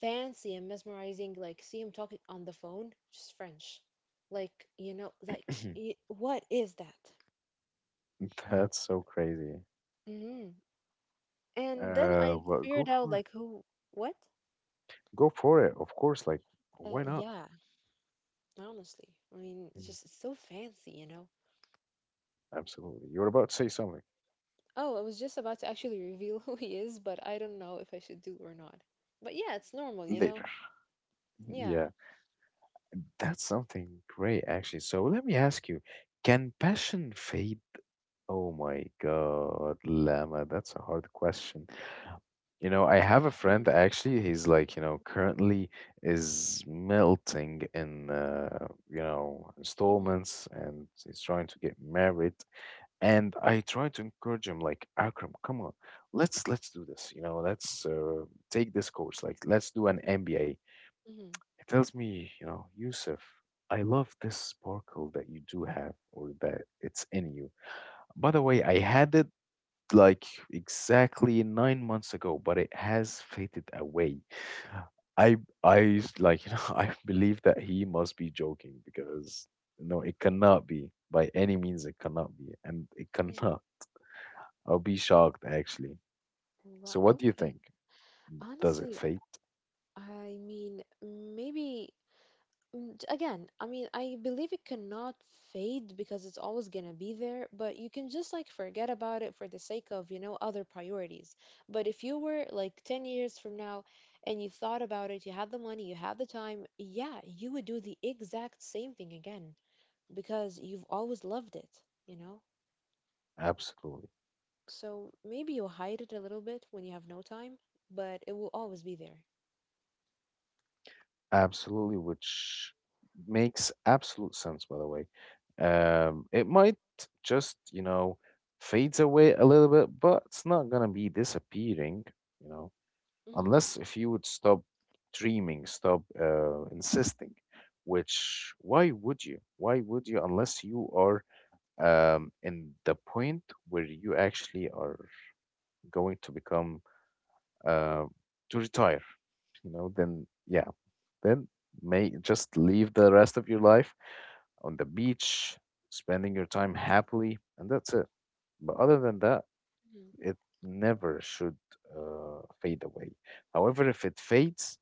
fancy and mesmerizing. Like, see him talking on the phone, just French. Like, you know, like, y- what is that? That's so crazy. Hmm. And then Uh, I But go figured out, for it. like, who, what? Go for it. Of course. Like, Uh, why not? Yeah, honestly. I mean, it's Mm. just it's so fancy, you know? Absolutely. You're about to say something Oh, I was just about to actually reveal who he is, but I don't know if I should do or not. But yeah, it's normal, you know? later. Yeah. Yeah, that's something great, actually. So let me ask you, can passion fade? Oh my God, Lama, that's a hard question. You know, I have a friend actually, he's like, you know, currently is melting in uh, you know, Mm-hmm. installments and he's trying to get married. And I try to encourage him like, Akram, come on, let's let's do this. You know, let's uh, take this course. Like, let's do an M B A. Hmm. He tells me, you know, Yusuf, I love this sparkle that you do have or that it's in you. By the way, I had it like exactly nine months ago, but it has faded away. I I s- like you know I believe that he must be joking because no, it cannot be by any means. It cannot be, and it Hmm. cannot. I'll be shocked actually. Wow. So, what do you Okay. think? Does it Honestly, fade? I mean, maybe mm, j- again, I mean, I believe it cannot fade because it's always gonna be there, but you can just like forget about it for the sake of, you know, other priorities. But if you were like 10 years from now and you thought about it, you had the money, you had the time, yeah, you would do the exact same thing again. Because you've always loved it, you know? Absolutely. So maybe you hide it a little bit when you have no time, but it will always be there. Absolutely, which makes absolute sense, by the way. Um, it might just, you know, fades away a little bit, but it's not gonna be disappearing, you know, Hmm. unless if you would stop dreaming, stop uh, insisting. Which why would you? Why would you unless you are um, in the point where you actually are going to become uh, to retire? You know, then yeah, then may just leave the rest of your life on the beach, spending your time happily, and that's it. But other than that, Hmm. it never should uh, fade away. However, if it fades,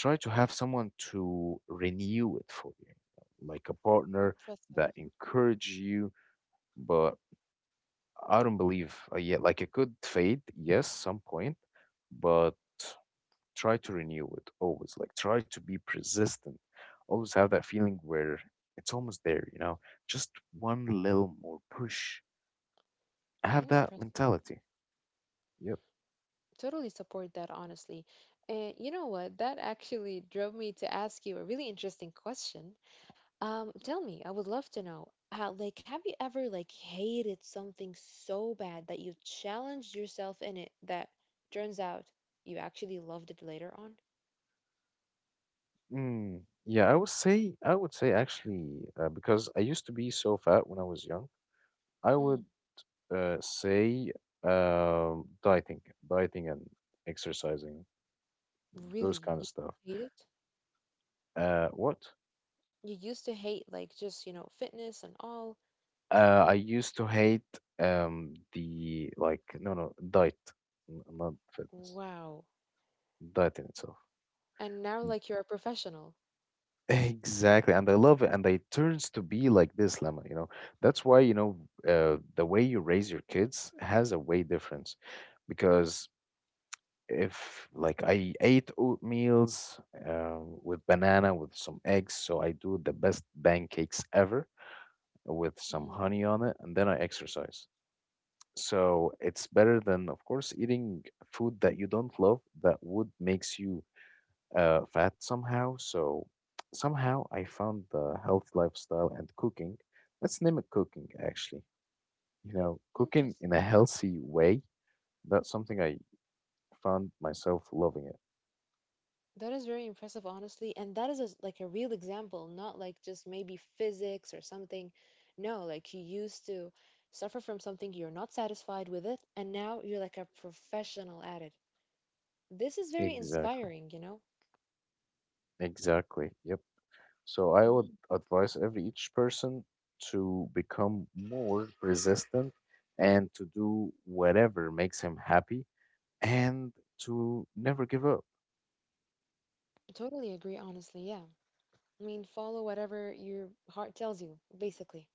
try to have someone to renew it for you, like a partner Impressive. that encourage you. But I don't believe uh, yet. Like it could fade, yes, some point, but try to renew it always, like try to be persistent, always have that feeling where it's almost there, you know, just one little more push. I have that Impressive. mentality. Yep. Totally support that, honestly. And you know what? That actually drove me to ask you a really interesting question. Um, tell me, I would love to know, how, like, have you ever like hated something so bad that you challenged yourself in it that turns out you actually loved it later on? Mm, yeah, i would say i would say actually uh, because I used to be so fat when I was young. I would Hmm. uh, say um dieting dieting and exercising, Really? those kind You of stuff. hate it? Uh what You used to hate like just, you know, fitness and all. Uh, I used to hate um the like no no diet, n- not fitness, Wow. diet in itself. And now like you're a professional. Exactly, and I love it, and it turns to be like this, lemma, you know. That's why you know uh, the way you raise your kids has a way difference, because if like I ate oatmeals um, with banana with some eggs, so I do the best pancakes ever with some Mm, honey on it, and then I exercise. So it's better than, of course, eating food that you don't love that would makes you uh, fat somehow. So somehow I found the healthy lifestyle and cooking. Let's name it cooking, actually. You know, cooking in a interesting. healthy way, that's something I found myself loving it. That is very impressive, honestly. And that is a, like a real example, not like just maybe physics or something. No, like you used to suffer from something you're not satisfied with it, and now you're like a professional at it. This is very Exactly. inspiring, you know? Exactly. Yep. So I would Mhm. advise every each person to become more resistant and to do whatever makes him happy and to never give up. Totally agree, honestly. Yeah. I mean, follow whatever your heart tells you, basically.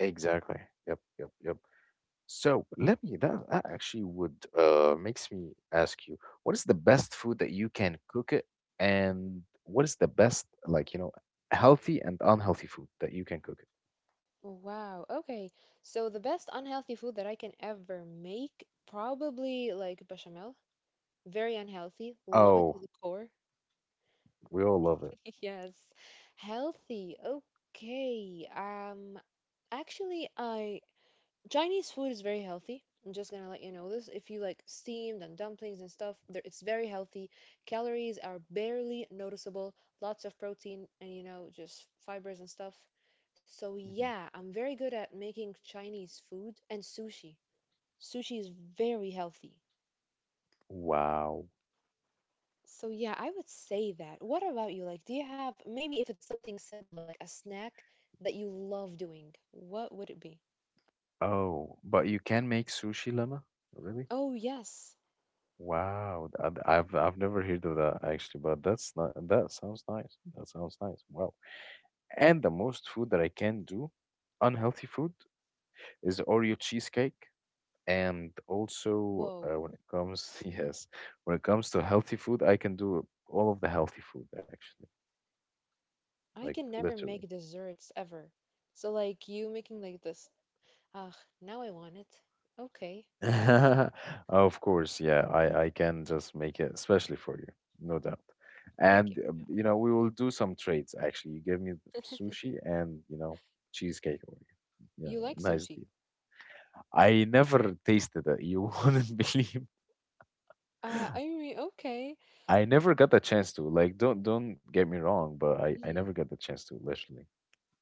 Exactly. Yep, yep, yep. So let me that, that actually would uh makes me ask you, what is the best food that you can cook it, and what is the best, like, you know, healthy and unhealthy food that you can cook it? Wow. Okay. So the best unhealthy food that I can ever make, probably like bechamel. Very unhealthy. Love it to Oh, the core. we all love it. Yes. Healthy. Okay. Um, actually, I Chinese food is very healthy. I'm just gonna let you know this. If you like steamed and dumplings and stuff, there- it's very healthy. Calories are barely noticeable. Lots of protein and you know just fibers and stuff. So Mhm. yeah, I'm very good at making Chinese food and sushi. Sushi is very healthy. Wow. So yeah, I would say that. What about you? Like, do you have maybe if it's something simple like a snack that you love doing, what would it be? Oh, but you can make sushi, lemma? Really? Oh yes. Wow. th- I've I've never heard of that actually, but that's not that sounds nice. That sounds nice. Wow. And the most food that I can do, unhealthy food, is Oreo cheesecake. And also, uh, Whoa. when it comes, yes, when it comes to healthy food, I can do all of the healthy food actually, like I can never literally. make desserts ever. So like you making like this. Ah, now I want it. Okay. Of course, yeah, I I can just make it especially for you, no doubt. Thank you. And uh, you know, we will do some trades actually. You give me Yeah. sushi and, you know, cheesecake Oreo. You Yeah, like nice sushi? deal. I never tasted it. You wouldn't believe. Uh, I mean, okay. I never got the chance to. Like, don't don't get me wrong, but I I Mm. never got the chance to. Literally,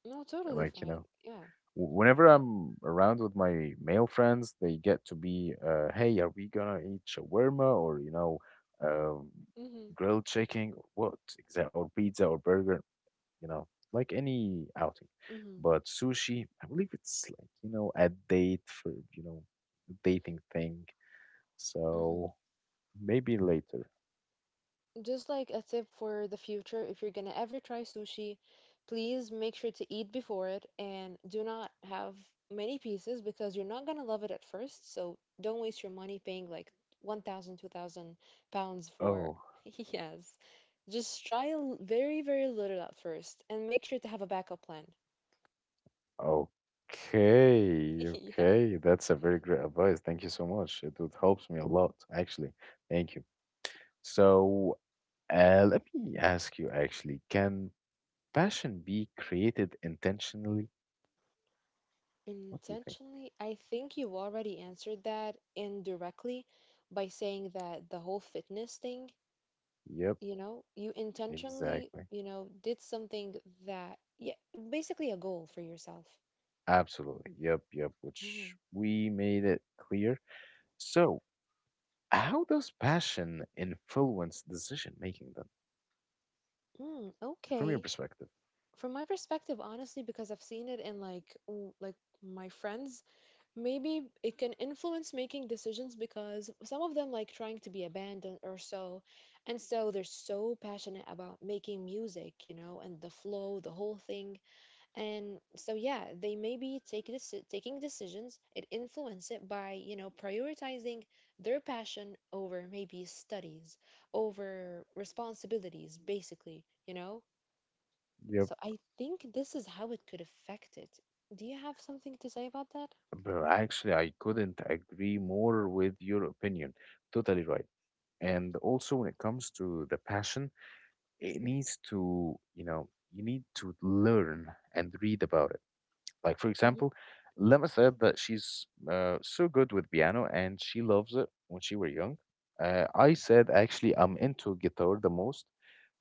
No, totally like, you fine. know, Yeah. w- whenever I'm around with my male friends, they get to be, uh, hey, are we gonna eat shawarma, or, you know, um, Mm-hmm. grilled chicken, or what exactly, or pizza or burger, you know, like any outing. Mm-hmm. But sushi, I believe it's, like, you know, a date for, you know, dating thing. So Mm-hmm. maybe later. Just like a tip for the future, if you're gonna ever try sushi, please make sure to eat before it and do not have many pieces because you're not gonna love it at first. So don't waste your money paying like one thousand, two thousand pounds for. Oh. Yes. Just try a l- very, very little at first and make sure to have a backup plan. Okay, Yeah. okay. That's a very great advice. Thank you so much. It, it helps me a lot, actually. Thank you. So, uh, let me ask you actually, can passion be created intentionally? What do you think? Intentionally, I think you already answered that indirectly by saying that the whole fitness thing Yep, you know you intentionally exactly. you know did something that yeah basically a goal for yourself. Absolutely. Yep, yep, mm, which we made it clear. So, how does passion influence decision making then, mm, from your okay, perspective? from my perspective honestly because I've seen it in like w- like my friends, maybe it can influence making decisions because some of them like trying to be abandoned or so, and so they're so passionate about making music you know and the flow the whole thing. And so yeah, they maybe take this taking decisions it influence it by, you know, prioritizing their passion over maybe studies, over responsibilities, basically, you know? Yep. So I think this is how it could affect it. Do you have something to say about that? Bro, actually, I couldn't agree more with your opinion. Totally right. And also, when it comes to the passion, it needs to, you know, you need to learn and read about it. Like, for Mhm. example, Lema said that she's uh, so good with piano and she loves it when she were young. Uh, I said, actually, I'm into guitar the most.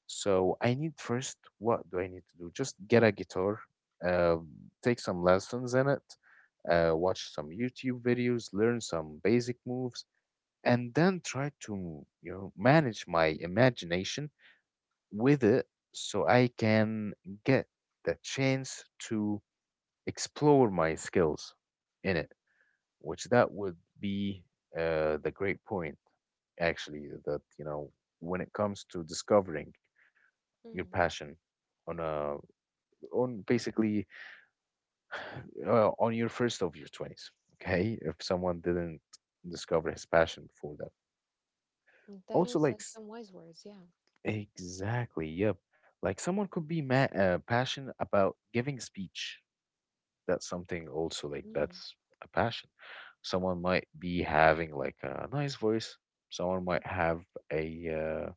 So I need first, what do I need to do? Just get a guitar, uh, take some lessons in it, uh, watch some YouTube videos, learn some basic moves, and then try to, you know, manage my imagination with it, so I can get the chance to explore my skills in it, which that would be uh, the great point, actually, that, you know, when it comes to discovering your Mm, passion on a, on basically uh, on your first of your twenties, okay? If someone didn't discover his passion before that. mm, That Also, is like, like s- some wise words, yeah. exactly, yep. Like someone could be ma- uh, passionate about giving speech, that's something also, like, Mm, that's a passion. Someone might be having like a nice voice. Someone might have a uh,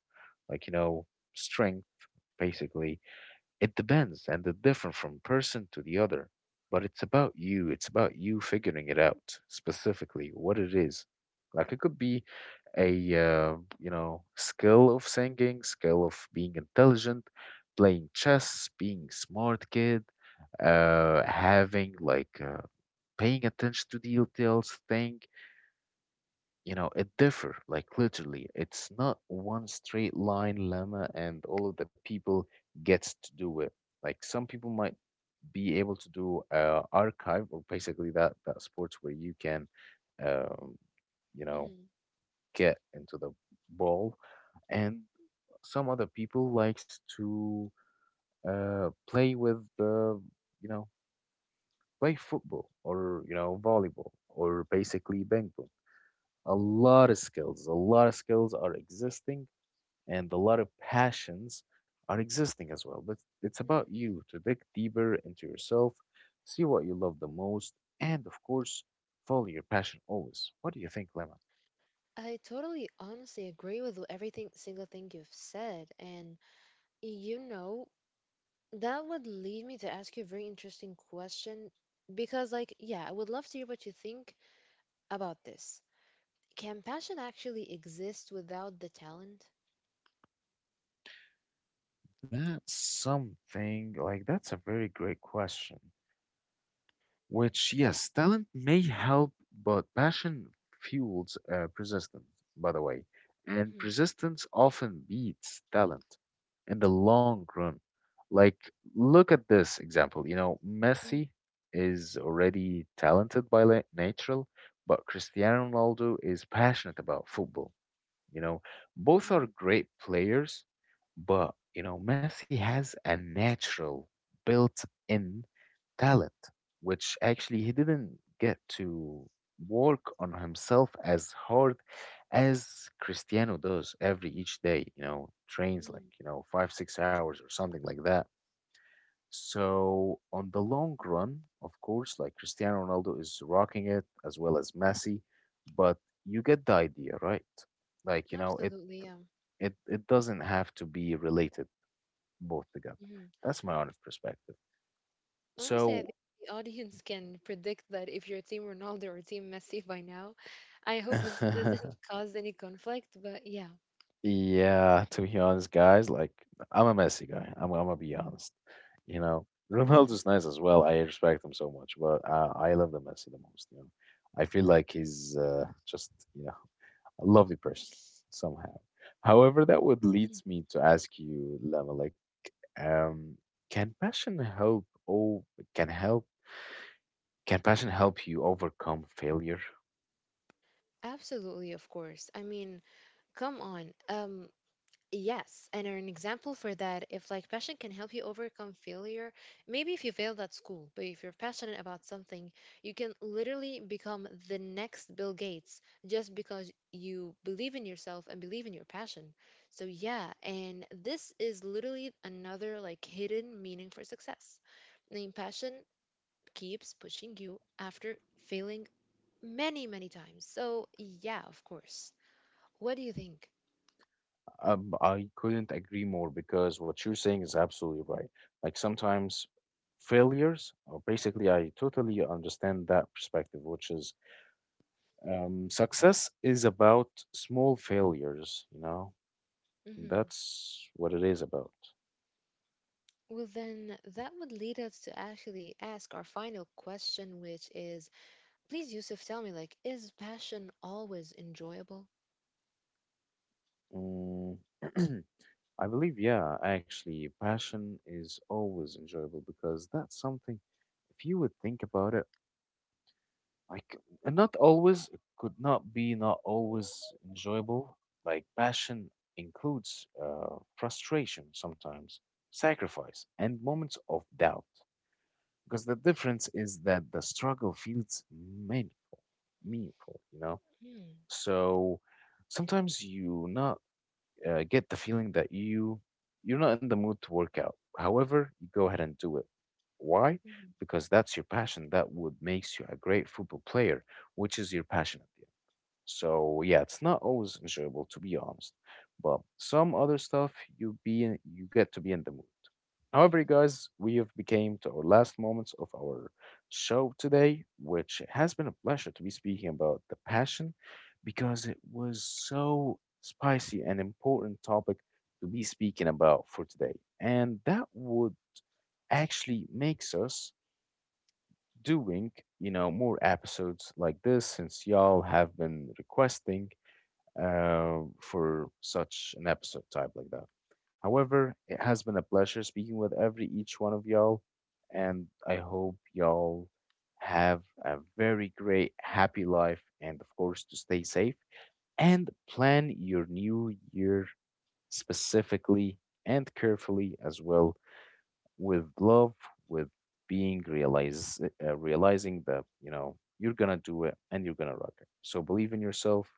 like, you know, strength basically. It depends, and it's different from person to the other. But it's about you. It's about you figuring it out specifically what it is. Like it could be a uh, you know, skill of singing, skill of being intelligent, playing chess, being smart kid, uh, having like uh, paying attention to details thing. You know, it differ, like, literally, it's not one straight line, lemma, and all of the people gets to do it. Like some people might be able to do uh, archive, or basically that that sports where you can um, you know, mm, get into the ball, and some other people likes to uh, play with the, you know, play football, or you know, volleyball, or basically ping pong. A lot of skills, a lot of skills are existing, and a lot of passions are existing as well, but it's mm. about you to dig deeper into yourself, see what you love the most, and of course, follow your passion always. What do you think, lemma? I totally honestly agree with everything single thing you've said, and you know, that would lead me to ask you a very interesting question because, like, yeah, I would love to hear what you think about this. Can passion actually exist without the talent? That's something like that's a very great question. Which, yes, talent may help, but passion fuels uh, persistence, by the way. And Hmm. persistence often beats talent in the long run. Like, look at this example. You know, Hmm. Messi is already talented by la- natural, but Cristiano Ronaldo is passionate about football. You know, both Hmm. are great players, but you know, Messi has a natural built-in talent, which actually he didn't get to work on himself as hard as Cristiano does every each day, you know, trains like, Hmm. you know, five, six hours or something like that. So on the long run, of course, like Cristiano Ronaldo is rocking it as well as Messi, but you get the idea, right? Like, you know, it Absolutely, yeah. it it doesn't have to be related both together. Hmm. That's my honest perspective. Honestly, I So think the audience can predict that if you're Team Ronaldo or Team Messi by now. I hope this doesn't cause any conflict, but yeah. yeah, to be honest, guys, like I'm a Messi guy. I'm I'm gonna be honest. You know, Hmm. Ronaldo's nice as well. I respect him so much, but uh, I love the Messi the most. You know, I feel like he's uh, just you know a lovely person somehow. However, that would leads me to ask you, Lama, like, um, can passion help? Oh, can help can passion help you overcome failure? Absolutely, of course. I mean, come on. Um, Yes, and an example for that, if like passion can help you overcome failure, maybe if you failed at school, but if you're passionate about something, you can literally become the next Bill Gates just because you believe in yourself and believe in your passion. So yeah, and this is literally another like hidden meaning for success. I mean, passion keeps pushing you after failing many, many times. So yeah, of course. What do you think? Um, I couldn't agree more because what you're saying is absolutely right. Like sometimes failures, or basically, I totally understand that perspective, which is um, success is about small failures, you know? Hmm. That's what it is about. Well, then that would lead us to actually ask our final question, which is please, Yusuf, tell me, like, is passion always enjoyable? Mm. I believe, yeah, actually, passion is always enjoyable because that's something, if you would think about it, like, and not always it could not be not always enjoyable. Like passion includes uh, frustration sometimes, sacrifice and moments of doubt, because the difference is that the struggle feels meaningful, meaningful, you know. Hmm. So sometimes you not uh, get the feeling that you you're not in the mood to work out. However, you go ahead and do it. Why? Because that's your passion. That would makes you a great football player, which is your passion, at the end. So yeah, it's not always enjoyable to be honest, but some other stuff you be in, you get to be in the mood. However, you guys, we have became to our last moments of our show today, which has been a pleasure to be speaking about the passion, because it was so spicy and important topic to be speaking about for today. And that would actually makes us doing, you know, more episodes like this since y'all have been requesting uh, for such an episode type like that. However, it has been a pleasure speaking with every each one of y'all, and I hope y'all have a very great, happy life, and of course, to stay safe and plan your new year specifically and carefully as well, with love, with being realize uh, realizing that you know you're gonna do it and you're gonna rock it. So believe in yourself,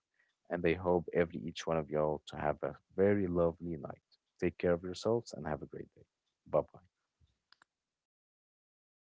and I hope every each one of y'all to have a very lovely night. Take care of yourselves and have a great day. Bye bye.